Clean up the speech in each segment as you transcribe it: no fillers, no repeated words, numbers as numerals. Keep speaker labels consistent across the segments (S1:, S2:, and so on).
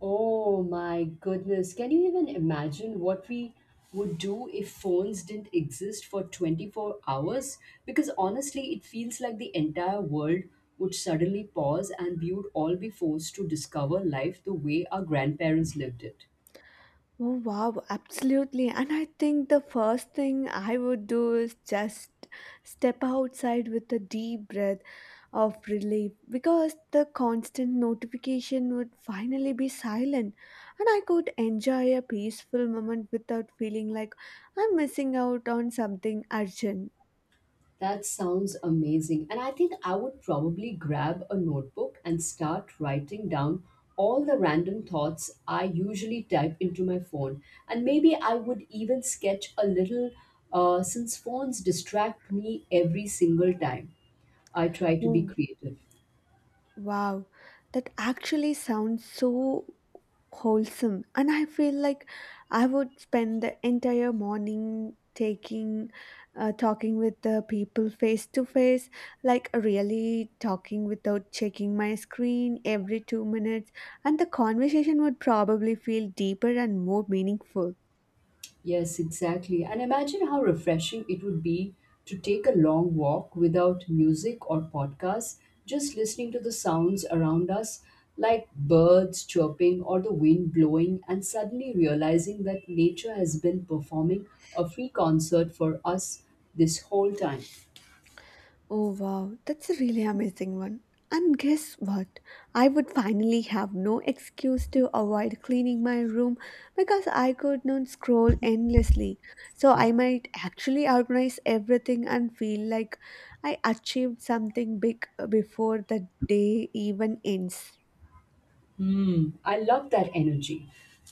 S1: Oh my goodness. Can you even imagine what we would do if phones didn't exist for 24 hours? Because honestly, it feels like the entire world would suddenly pause and we would all be forced to discover life the way our grandparents lived it.
S2: Oh, wow, absolutely. And I think the first thing I would do is just step outside with a deep breath of relief because the constant notification would finally be silent and I could enjoy a peaceful moment without feeling like I'm missing out on something urgent.
S1: That sounds amazing. And I think I would probably grab a notebook and start writing down all the random thoughts I usually type into my phone. And maybe I would even sketch a little, since phones distract me every single time I try to be
S2: Oh,
S1: creative.
S2: Wow, that actually sounds so wholesome. And I feel like I would spend the entire morning taking talking with the people face to face, like really talking without checking my screen every 2 minutes, and the conversation would probably feel deeper and more meaningful.
S1: Yes, exactly. And imagine how refreshing it would be to take a long walk without music or podcasts, just listening to the sounds around us, like birds chirping or the wind blowing, and suddenly realizing that nature has been performing a free concert for us this whole time.
S2: Oh wow, that's a really amazing one. And guess what? I would finally have no excuse to avoid cleaning my room because I could not scroll endlessly. So I might actually organize everything and feel like I achieved something big before the day even ends.
S1: Hmm, I love that energy.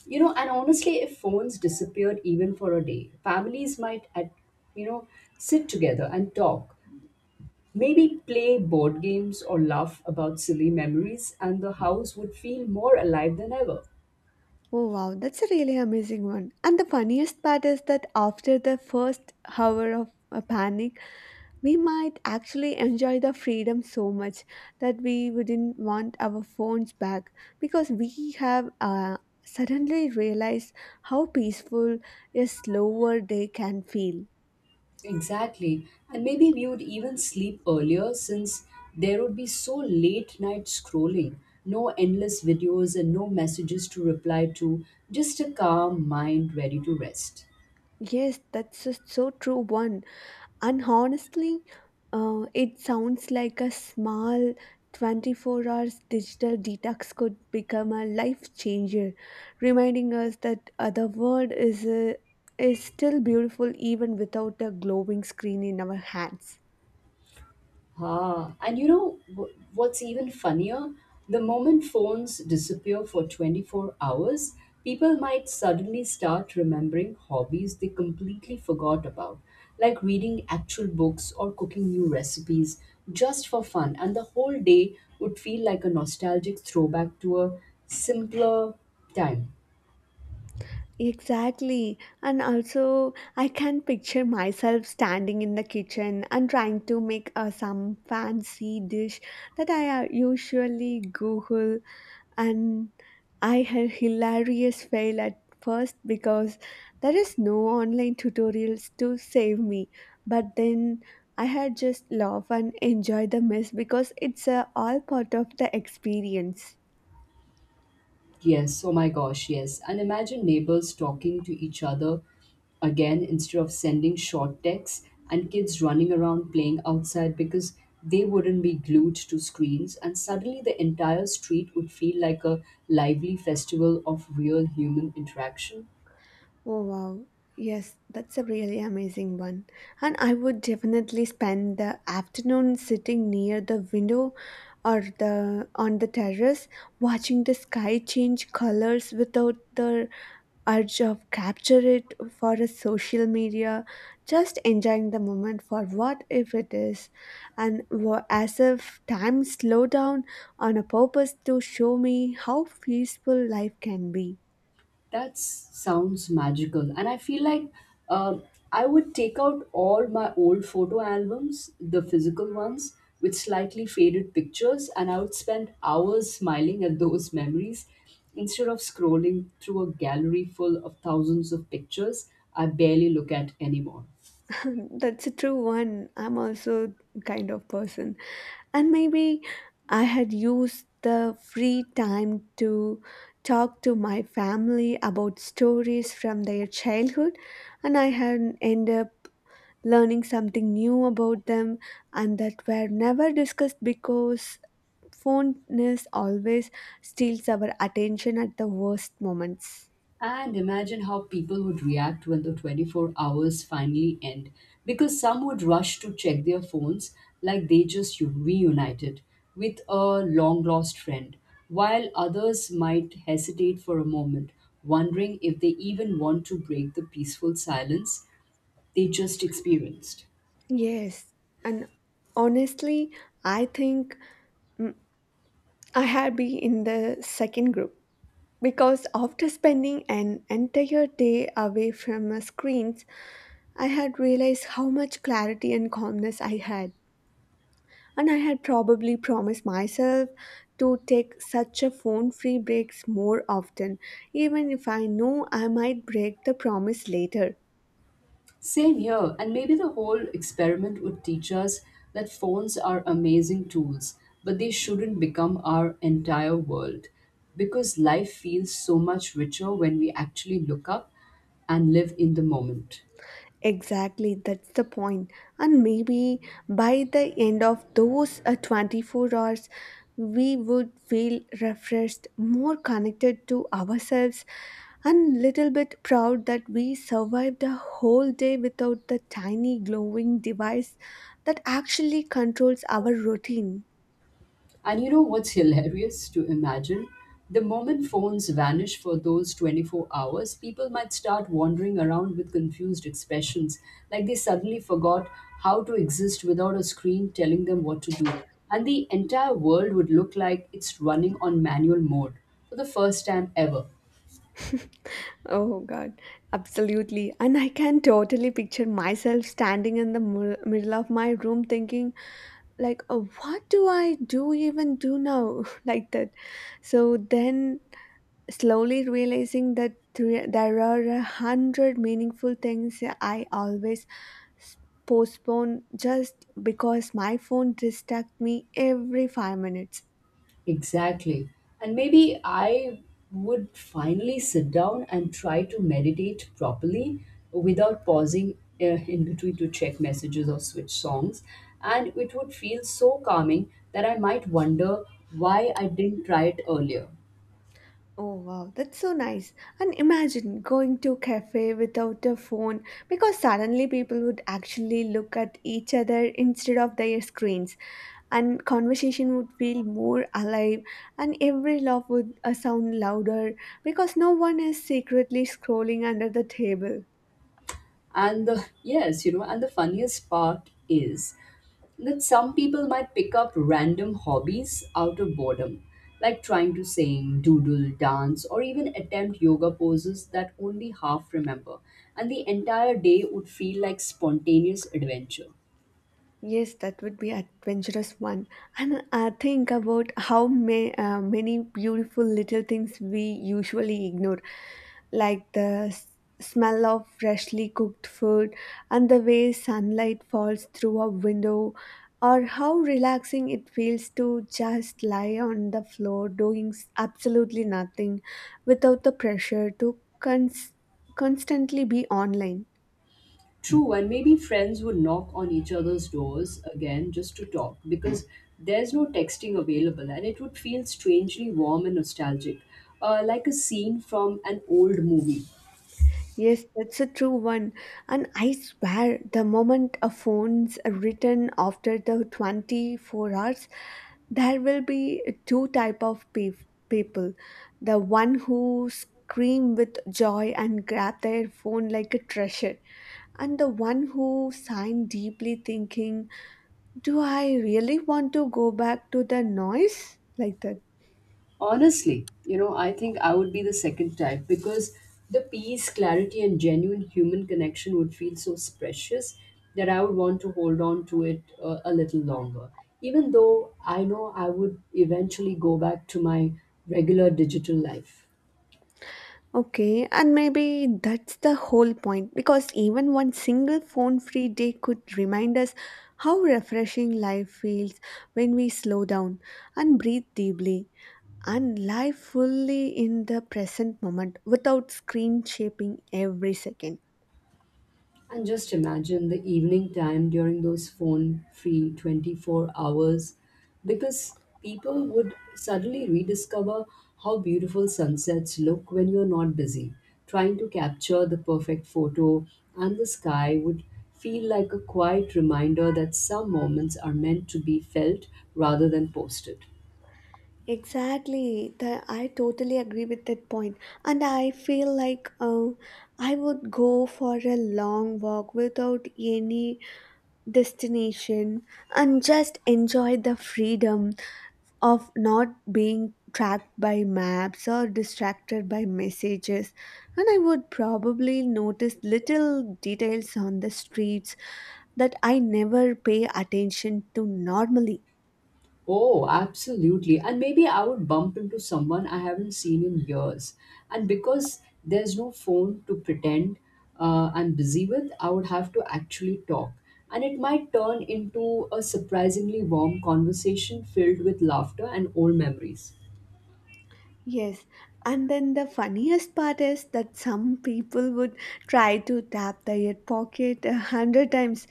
S1: You know, and honestly, if phones disappeared even for a day, families might at you know sit together and talk. Maybe play board games or laugh about silly memories, and the house would feel more alive than ever.
S2: Oh wow, that's a really amazing one. And the funniest part is that after the first hour of a panic, we might actually enjoy the freedom so much that we wouldn't want our phones back because we have suddenly realized how peaceful a slower day can feel.
S1: Exactly. And maybe we would even sleep earlier since there would be so late night scrolling, no endless videos and no messages to reply to, just a calm mind ready to rest.
S2: Yes, that's a so true one. And honestly, it sounds like a small 24 hours digital detox could become a life changer, reminding us that the world is still beautiful even without a glowing screen in our hands.
S1: Ah, and you know what's even funnier? The moment phones disappear for 24 hours, people might suddenly start remembering hobbies they completely forgot about, like reading actual books or cooking new recipes just for fun. And the whole day would feel like a nostalgic throwback to a simpler time.
S2: Exactly. And also, I can picture myself standing in the kitchen and trying to make some fancy dish that I usually Google and I had hilarious fail at first because there is no online tutorials to save me. But then I had just laugh and enjoy the mess because it's all part of the experience.
S1: Yes, oh my gosh, yes. And imagine neighbors talking to each other again instead of sending short texts and kids running around playing outside because they wouldn't be glued to screens, and suddenly the entire street would feel like a lively festival of real human interaction.
S2: Oh wow. Yes, that's a really amazing one. And I would definitely spend the afternoon sitting near the window or the on the terrace watching the sky change colors without the urge of capture it for a social media just enjoying the moment for what if it is and as if time slow down on a purpose to show me how peaceful life can be.
S1: Sounds magical. And I feel like, uh, I would take out all my old photo albums, the physical ones, with slightly faded pictures, and I would spend hours smiling at those memories instead of scrolling through a gallery full of thousands of pictures I barely look at anymore.
S2: That's a true one. I'm also kind of person and maybe I had used the free time to talk to my family about stories from their childhood and I had ended up learning something new about them and that were never discussed because phones always steals our attention at the worst moments.
S1: And imagine how people would react when the 24 hours finally end, because some would rush to check their phones like they just reunited with a long lost friend, while others might hesitate for a moment, wondering if they even want to break the peaceful silence they just experienced.
S2: Yes, and honestly, I think I had been in the second group because after spending an entire day away from my screens, I had realized how much clarity and calmness I had. And I had probably promised myself to take such a phone free breaks more often, even if I know I might break the promise later.
S1: Same here, and maybe the whole experiment would teach us that phones are amazing tools, but they shouldn't become our entire world because life feels so much richer when we actually look up and live in the moment.
S2: Exactly, that's the point. And maybe by the end of those 24 hours, we would feel refreshed, more connected to ourselves, and little bit proud that we survived a whole day without the tiny glowing device that actually controls our routine.
S1: And you know what's hilarious to imagine? The moment phones vanish for those 24 hours, people might start wandering around with confused expressions, like they suddenly forgot how to exist without a screen telling them what to do. And the entire world would look like it's running on manual mode for the first time ever.
S2: Oh God, absolutely. And I can totally picture myself standing in the middle of my room thinking, like, "Oh, what do I do even do now?" Like that. So then slowly realizing that there are 100 meaningful things I always s- postpone just because my phone distracts me every 5 minutes.
S1: Exactly. And maybe I would finally sit down and try to meditate properly without pausing, in between to check messages or switch songs. And it would feel so calming that I might wonder why I didn't try it earlier.
S2: Oh wow, that's so nice. And imagine going to a cafe without a phone because suddenly people would actually look at each other instead of their screens and conversation would feel more alive and every laugh would sound louder because no one is secretly scrolling under the table.
S1: Yes, and the funniest part is that some people might pick up random hobbies out of boredom, like trying to sing, doodle, dance, or even attempt yoga poses that only half remember. And the entire day would feel like spontaneous adventure.
S2: Yes, that would be adventurous one. And I think about how many beautiful little things we usually ignore, like the smell of freshly cooked food and the way sunlight falls through a window, or how relaxing it feels to just lie on the floor doing absolutely nothing without the pressure to constantly be online.
S1: True, and maybe friends would knock on each other's doors again just to talk because there's no texting available, and it would feel strangely warm and nostalgic, like a scene from an old movie.
S2: Yes, that's a true one. And I swear, the moment a phone's written after the 24 hours, there will be two type of people. The one who scream with joy and grab their phone like a treasure, and the one who sigh deeply thinking, do I really want to go back to the noise? Like that.
S1: Honestly, you know, I think I would be the second type because the peace, clarity, and genuine human connection would feel so precious that I would want to hold on to it a little longer. Even though I know I would eventually go back to my regular digital life.
S2: Okay, and maybe that's the whole point because even one single phone free day could remind us how refreshing life feels when we slow down and breathe deeply and live fully in the present moment without screen shaping every second.
S1: And just imagine the evening time during those phone free 24 hours, because people would suddenly rediscover how beautiful sunsets look when you're not busy trying to capture the perfect photo, and the sky would feel like a quiet reminder that some moments are meant to be felt rather than posted.
S2: Exactly, I totally agree with that point, and I feel like I would go for a long walk without any destination and just enjoy the freedom of not being tracked by maps or distracted by messages and I would probably notice little details on the streets that I never pay attention to normally.
S1: Oh, absolutely. And maybe I would bump into someone I haven't seen in years. And because there's no phone to pretend I'm busy with, I would have to actually talk. And it might turn into a surprisingly warm conversation filled with laughter and old memories.
S2: Yes, and then the funniest part is that some people would try to tap their pocket 100 times,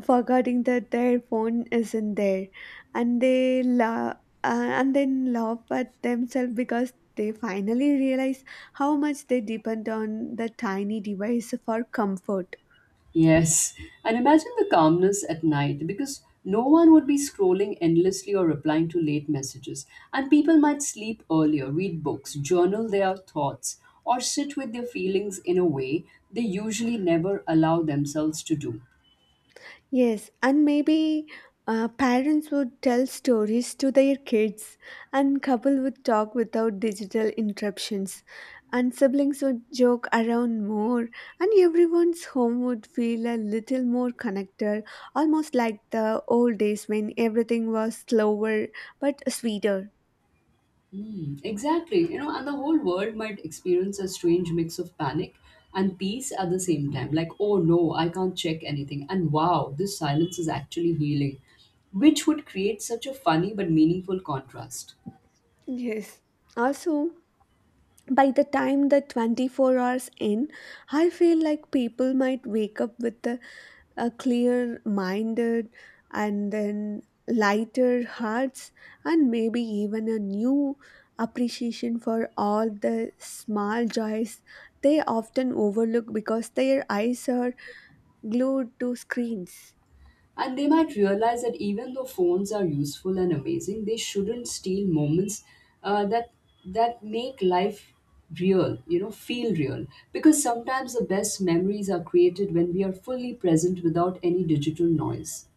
S2: forgetting that their phone isn't there, and and then laugh at themselves because they finally realize how much they depend on the tiny device for comfort.
S1: Yes, and imagine the calmness at night because no one would be scrolling endlessly or replying to late messages. And people might sleep earlier, read books, journal their thoughts, or sit with their feelings in a way they usually never allow themselves to do.
S2: Yes, and maybe parents would tell stories to their kids, and couple would talk without digital interruptions, and siblings would joke around more, and everyone's home would feel a little more connected, almost like the old days when everything was slower but sweeter.
S1: Mm, exactly. You know, and the whole world might experience a strange mix of panic and peace at the same time. Like, oh no, I can't check anything. And wow, this silence is actually healing, which would create such a funny but meaningful contrast.
S2: Yes. Also, by the time the 24 hours in, I feel like people might wake up with a clear minded and then lighter hearts and maybe even a new appreciation for all the small joys they often overlook because their eyes are glued to screens.
S1: And they might realize that even though phones are useful and amazing, they shouldn't steal moments, uh, that that make life real, you know, feel real. Because sometimes the best memories are created when we are fully present without any digital noise.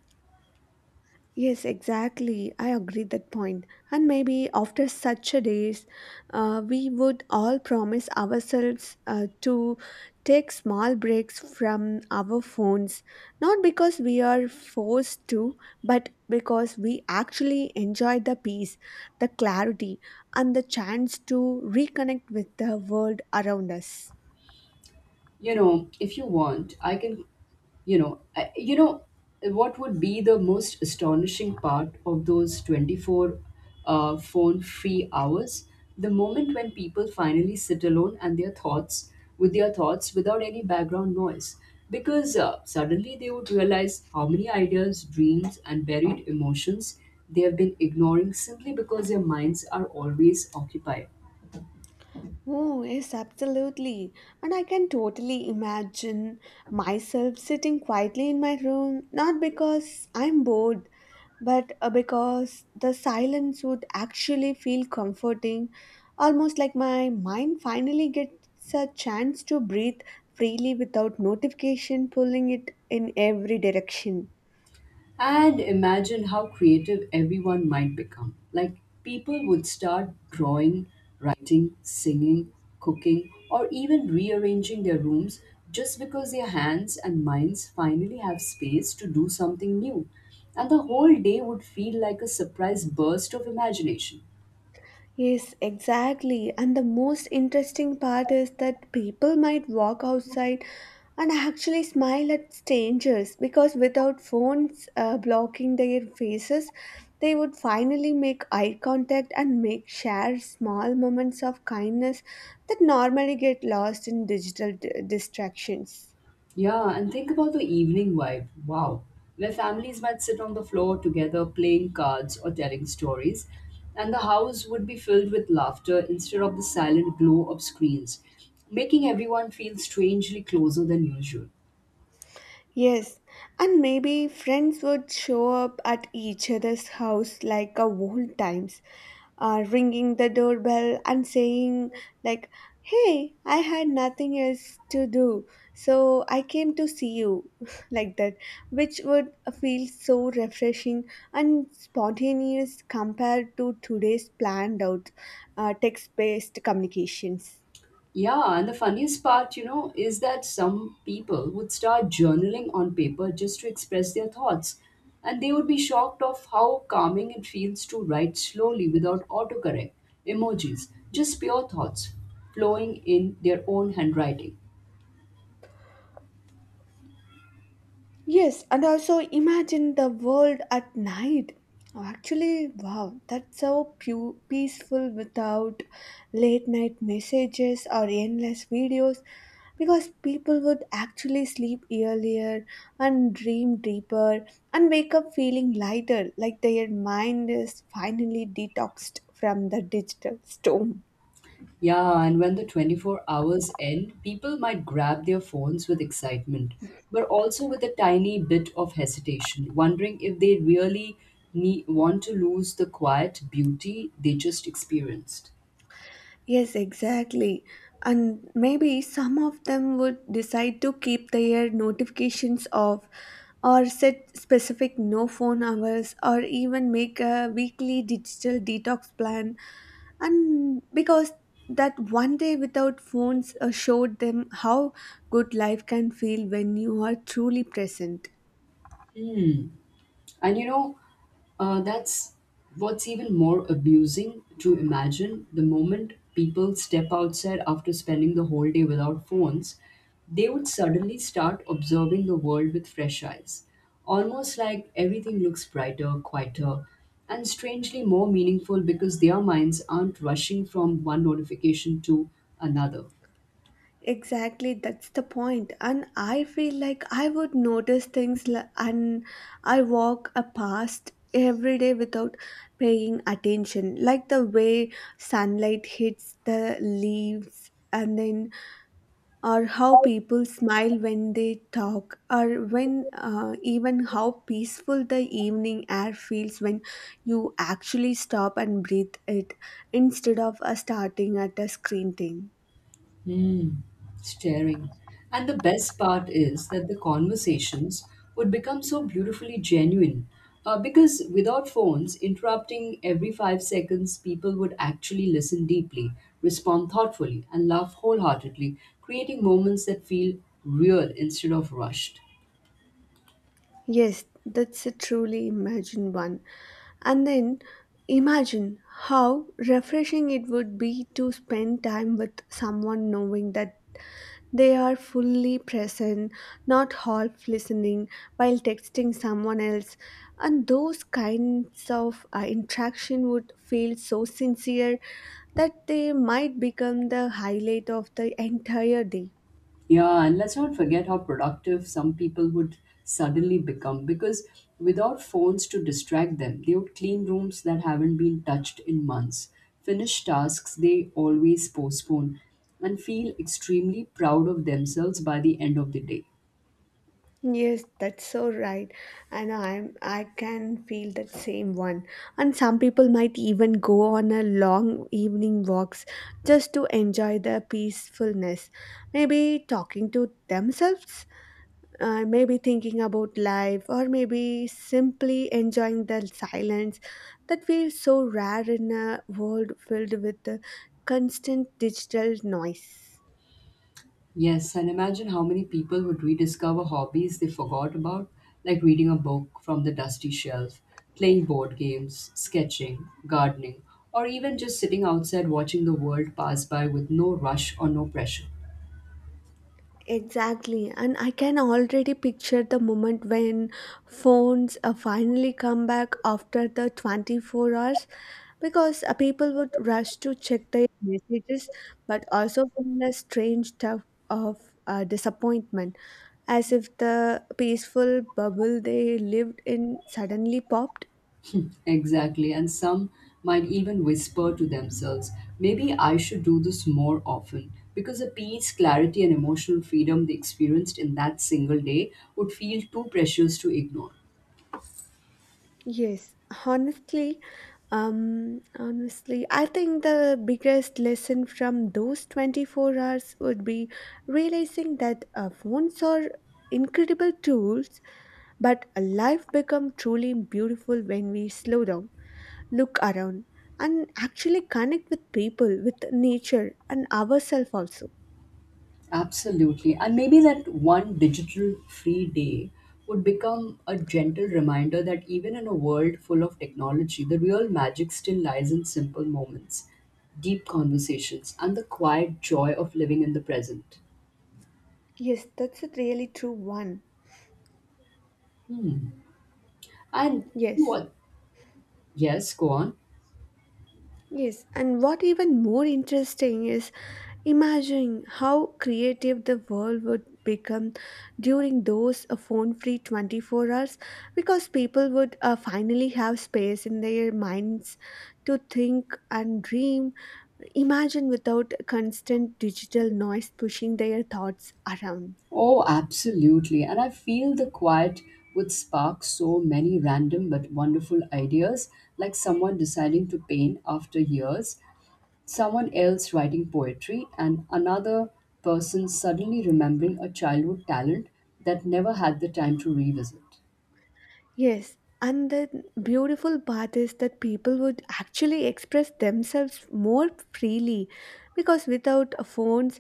S2: Yes, exactly. I agree that point. And maybe after such a days, we would all promise ourselves to take small breaks from our phones, not because we are forced to, but because we actually enjoy the peace, the clarity, and the chance to reconnect with the world around us.
S1: You know, if you want, I can, you know, I, you know, what would be the most astonishing part of those 24, phone free hours? The moment when people finally sit alone and their thoughts with their thoughts without any background noise. Because suddenly they would realize how many ideas, dreams, and buried emotions they have been ignoring simply because their minds are always occupied.
S2: Oh, yes, absolutely. And I can totally imagine myself sitting quietly in my room, not because I'm bored, but because the silence would actually feel comforting, almost like my mind finally gets a chance to breathe freely without notification pulling it in every direction.
S1: And imagine how creative everyone might become. Like, people would start drawing, writing, singing, cooking, or even rearranging their rooms just because their hands and minds finally have space to do something new. And the whole day would feel like a surprise burst of imagination.
S2: Yes, exactly. And the most interesting part is that people might walk outside and actually smile at strangers because without phones blocking their faces, they would finally make eye contact and make share small moments of kindness that normally get lost in digital distractions.
S1: Yeah, and think about the evening vibe. Wow. Where families might sit on the floor together playing cards or telling stories, and the house would be filled with laughter instead of the silent glow of screens, making everyone feel strangely closer than usual.
S2: Yes, and maybe friends would show up at each other's house like a old times ringing the doorbell and saying like hey I had nothing else to do so I came to see you. Like that, which would feel so refreshing and spontaneous compared to today's planned out text based communications.
S1: Yeah, and the funniest part, you know, is that some people would start journaling on paper just to express their thoughts, and they would be shocked of how calming it feels to write slowly without autocorrect, emojis, just pure thoughts flowing in their own handwriting.
S2: Yes, and also imagine the world at night. Oh, actually, wow, that's so peaceful without late night messages or endless videos because people would actually sleep earlier and dream deeper and wake up feeling lighter, like their mind is finally detoxed from the digital storm.
S1: Yeah, and when the 24 hours end, people might grab their phones with excitement, but also with a tiny bit of hesitation, wondering if they really want to lose the quiet beauty they just experienced.
S2: Yes, exactly. And maybe some of them would decide to keep their notifications off or set specific no phone hours or even make a weekly digital detox plan. And because that one day without phones showed them how good life can feel when you are truly present.
S1: Hmm. And you know, that's what's even more abusing to imagine. The moment people step outside after spending the whole day without phones, they would suddenly start observing the world with fresh eyes. Almost like everything looks brighter, quieter, and strangely more meaningful because their minds aren't rushing from one notification to another.
S2: Exactly, that's the point. And I feel like I would notice things and I walk a past every day without paying attention, like the way sunlight hits the leaves and then or how people smile when they talk or when even how peaceful the evening air feels when you actually stop and breathe it instead of starting at a screen thing.
S1: Mm, staring. And the best part is that the conversations would become so beautifully genuine. Because without phones interrupting every 5 seconds, people would actually listen deeply, respond thoughtfully, and laugh wholeheartedly, creating moments that feel real instead of rushed.
S2: Yes, that's a truly imagine one. And then imagine how refreshing it would be to spend time with someone knowing that they are fully present, not half listening while texting someone else. And those kinds of interaction would feel so sincere that they might become the highlight of the entire day.
S1: Yeah, and let's not forget how productive some people would suddenly become because without phones to distract them, they would clean rooms that haven't been touched in months, finish tasks they always postpone, and feel extremely proud of themselves by the end of the day.
S2: Yes, that's so right. And I can feel that same one. And some people might even go on a long evening walks just to enjoy the peacefulness. Maybe talking to themselves, maybe thinking about life, or maybe simply enjoying the silence that feels so rare in a world filled with the constant digital noise.
S1: Yes, and imagine how many people would rediscover hobbies they forgot about, like reading a book from the dusty shelf, playing board games, sketching, gardening, or even just sitting outside watching the world pass by with no rush or no pressure.
S2: Exactly, and I can already picture the moment when phones finally come back after the 24 hours because people would rush to check their messages but also feel a strange stuff of disappointment as if the peaceful bubble they lived in suddenly popped.
S1: Exactly, and some might even whisper to themselves, maybe I should do this more often, because the peace, clarity, and emotional freedom they experienced in that single day would feel too precious to ignore.
S2: Yes, honestly, honestly, I think the biggest lesson from those 24 hours would be realizing that phones are incredible tools, but life becomes truly beautiful when we slow down, look around, and actually connect with people, with nature, and ourselves also.
S1: Absolutely. And maybe that one digital free day would become a gentle reminder that even in a world full of technology, the real magic still lies in simple moments, deep conversations, and the quiet joy of living in the present.
S2: Yes, that's a really true one.
S1: And you know
S2: Yes.
S1: what? Yes, go on.
S2: Yes, and what even more interesting is imagine how creative the world would become during those phone free 24 hours because people would finally have space in their minds to think and dream, imagine without constant digital noise pushing their thoughts around.
S1: Oh, absolutely. And I feel the quiet would spark so many random but wonderful ideas, like someone deciding to paint after years, someone else writing poetry, and another person suddenly remembering a childhood talent that never had the time to revisit.
S2: Yes. And the beautiful part is that people would actually express themselves more freely because without phones,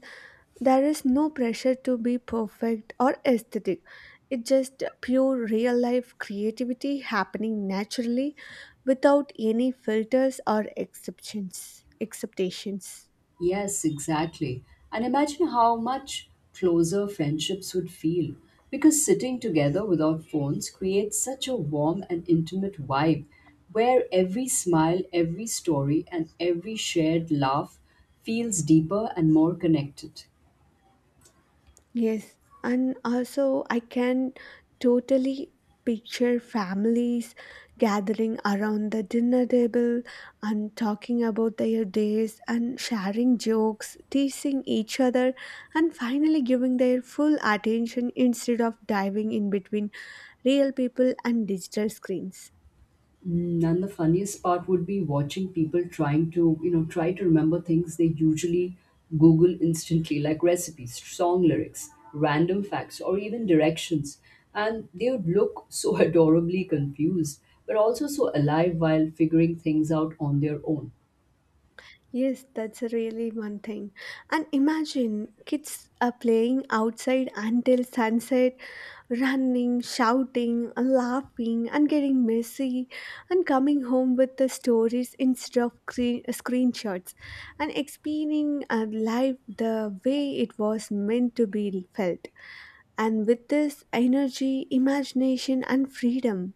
S2: there is no pressure to be perfect or aesthetic. It's just pure real life creativity happening naturally without any filters or exceptions, expectations.
S1: Yes, exactly. And imagine how much closer friendships would feel because sitting together without phones creates such a warm and intimate vibe where every smile, every story, and every shared laugh feels deeper and more connected.
S2: Yes, and also I can totally picture families gathering around the dinner table and talking about their days and sharing jokes, teasing each other, and finally giving their full attention instead of diving in between real people and digital screens.
S1: Mm, and the funniest part would be watching people trying to, you know, try to remember things they usually Google instantly, like recipes, song lyrics, random facts, or even directions. And they would look so adorably confused, but also so alive while figuring things out on their own.
S2: Yes, that's really one thing. And imagine kids are playing outside until sunset, running, shouting, laughing, and getting messy, and coming home with the stories instead of screenshots, and explaining life the way it was meant to be felt. And with this energy, imagination, and freedom.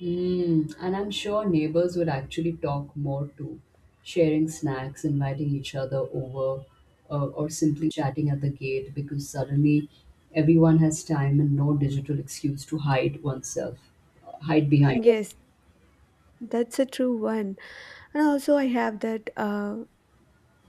S1: Mm, and I'm sure neighbors would actually talk more too, sharing snacks, inviting each other over, or simply chatting at the gate because suddenly everyone has time and no digital excuse to hide oneself, hide behind.
S2: Yes, that's a true one. And also, I have that.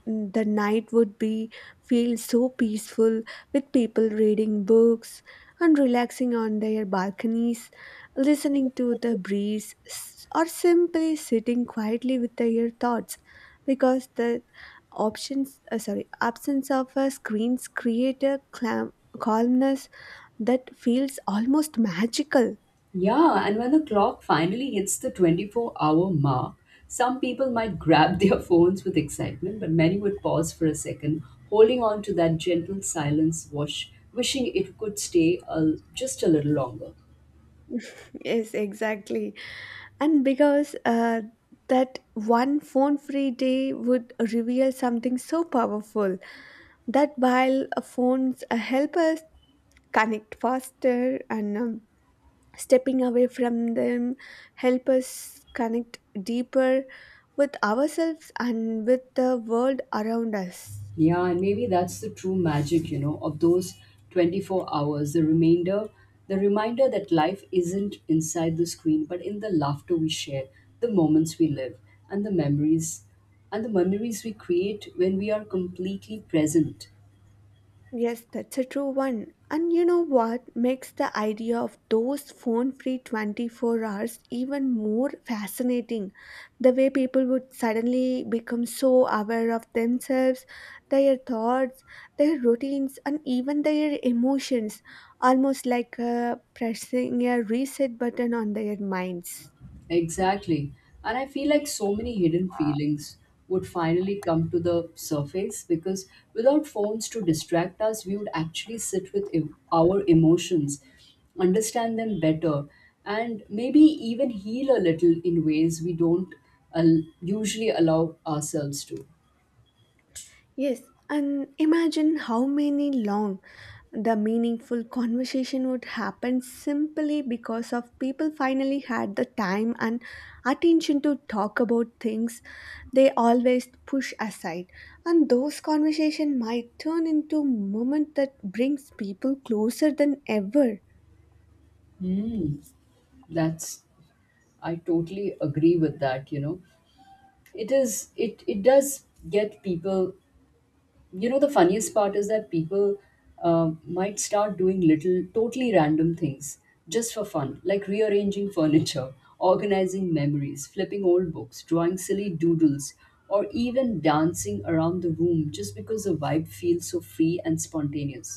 S2: The night would be feel so peaceful with people reading books and relaxing on their balconies listening to the breeze or simply sitting quietly with their thoughts because the options sorry absence of a screens create a calmness that feels almost magical.
S1: Yeah, and when the clock finally hits the 24-hour mark, some people might grab their phones with excitement, but many would pause for a second, holding on to that gentle silence, wishing it could stay just a little longer.
S2: Yes, exactly. And because that one phone free day would reveal something so powerful that while phones help us connect faster and stepping away from them help us connect deeper with ourselves and with the world around us.
S1: Yeah, and maybe that's the true magic, you know, of those 24 hours, the remainder, the reminder that life isn't inside the screen, but in the laughter we share, the moments we live, and the memories, and the memories we create when we are completely present.
S2: Yes, that's a true one. And you know what makes the idea of those phone free 24 hours even more fascinating? The way people would suddenly become so aware of themselves, their thoughts, their routines, and even their emotions, almost like pressing a reset button on their minds.
S1: Exactly. And I feel like so many hidden feelings would finally come to the surface because without phones to distract us, we would actually sit with our emotions, understand them better, and maybe even heal a little in ways we don't usually allow ourselves to.
S2: Yes, and imagine how many long the meaningful conversation would happen simply because of people finally had the time and attention to talk about things they always push aside, and those conversation might turn into moment that brings people closer than ever.
S1: Hmm, that's. I totally agree with that, you know. It is it it does get people, you know. The funniest part is that people might start doing little totally random things just for fun, like rearranging furniture, organizing memories, flipping old books, drawing silly doodles, or even dancing around the room just because the vibe feels so free and spontaneous.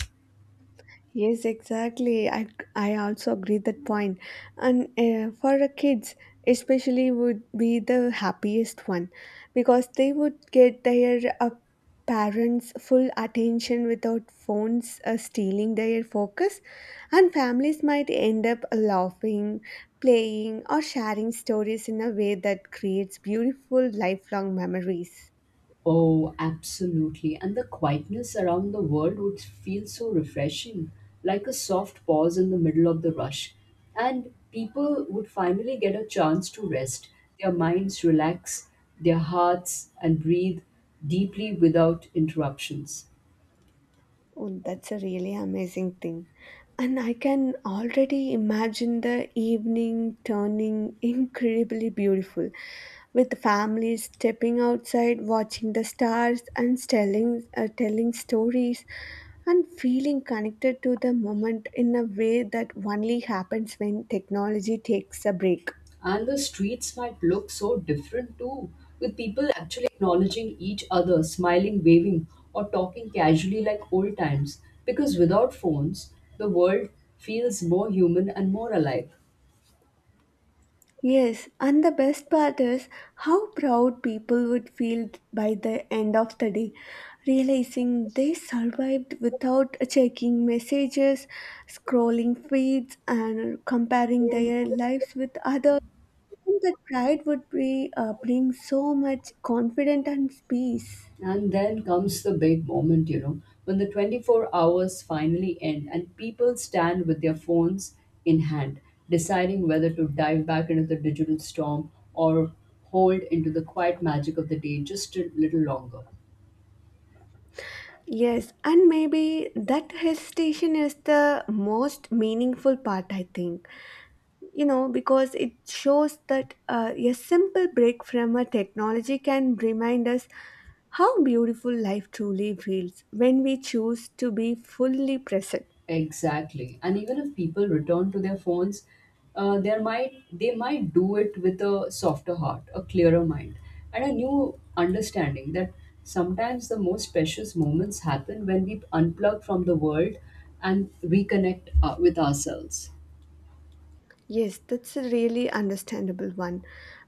S2: Yes, exactly. I also agree that point. And for the kids, especially, would be the happiest one because they would get their parents' full attention without phones stealing their focus, and families might end up laughing, playing, or sharing stories in a way that creates beautiful lifelong memories.
S1: Oh, absolutely. And the quietness around the world would feel so refreshing, like a soft pause in the middle of the rush. And people would finally get a chance to rest their minds, relax their hearts, and breathe deeply without interruptions.
S2: Oh, that's a really amazing thing. And I can already imagine the evening turning incredibly beautiful, with families stepping outside, watching the stars, and telling stories, and feeling connected to the moment in a way that only happens when technology takes a break.
S1: And the streets might look so different too, with people actually acknowledging each other, smiling, waving, or talking casually like old times. Because without phones, the world feels more human and more alive.
S2: Yes, and the best part is how proud people would feel by the end of the day, realizing they survived without checking messages, scrolling feeds, and comparing their lives with others. And that pride would bring so much confidence and peace.
S1: And then comes the big moment, you know, when the 24 hours finally end and people stand with their phones in hand, deciding whether to dive back into the digital storm or hold into the quiet magic of the day just a little longer.
S2: Yes, and maybe that hesitation is the most meaningful part, I think. You know, because it shows that a simple break from a technology can remind us how beautiful life truly feels when we choose to be fully present.
S1: Exactly. And even if people return to their phones, there might they might do it with a softer heart, a clearer mind, and a new understanding that sometimes the most precious moments happen when we unplug from the world and reconnect with ourselves.
S2: Yes, that's a really understandable one.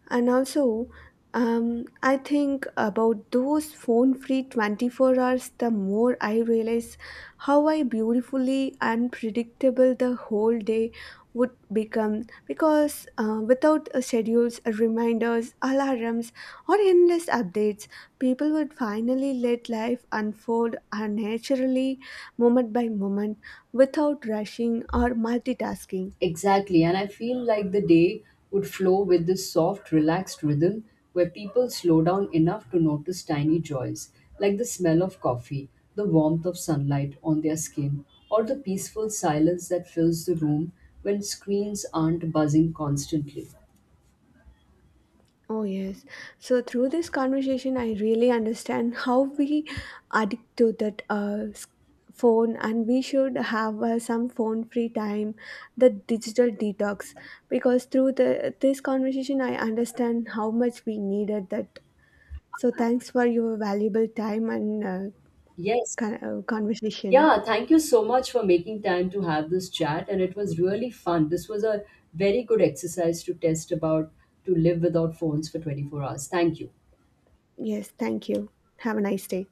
S2: And also, I think about those phone free 24 hours, the more I realize how I beautifully unpredictable the whole day would become. Because without schedules, reminders, alarms, or endless updates, people would finally let life unfold unnaturally, moment by moment, without rushing or multitasking.
S1: Exactly, and I feel like the day would flow with this soft, relaxed rhythm where people slow down enough to notice tiny joys, like the smell of coffee, the warmth of sunlight on their skin, or the peaceful silence that fills the room when screens aren't buzzing constantly.
S2: Oh, yes. So, through this conversation, I really understand how we addict to that phone, and we should have some phone free time, the digital detox. Because through the this conversation, I understand how much we needed that. So, thanks for your valuable time and
S1: Yes.
S2: conversation.
S1: Yeah, thank you so much for making time to have this chat, and it was really fun. This was a very good exercise to test about to live without phones for 24 hours. Thank you.
S2: Yes, thank you. Have a nice day.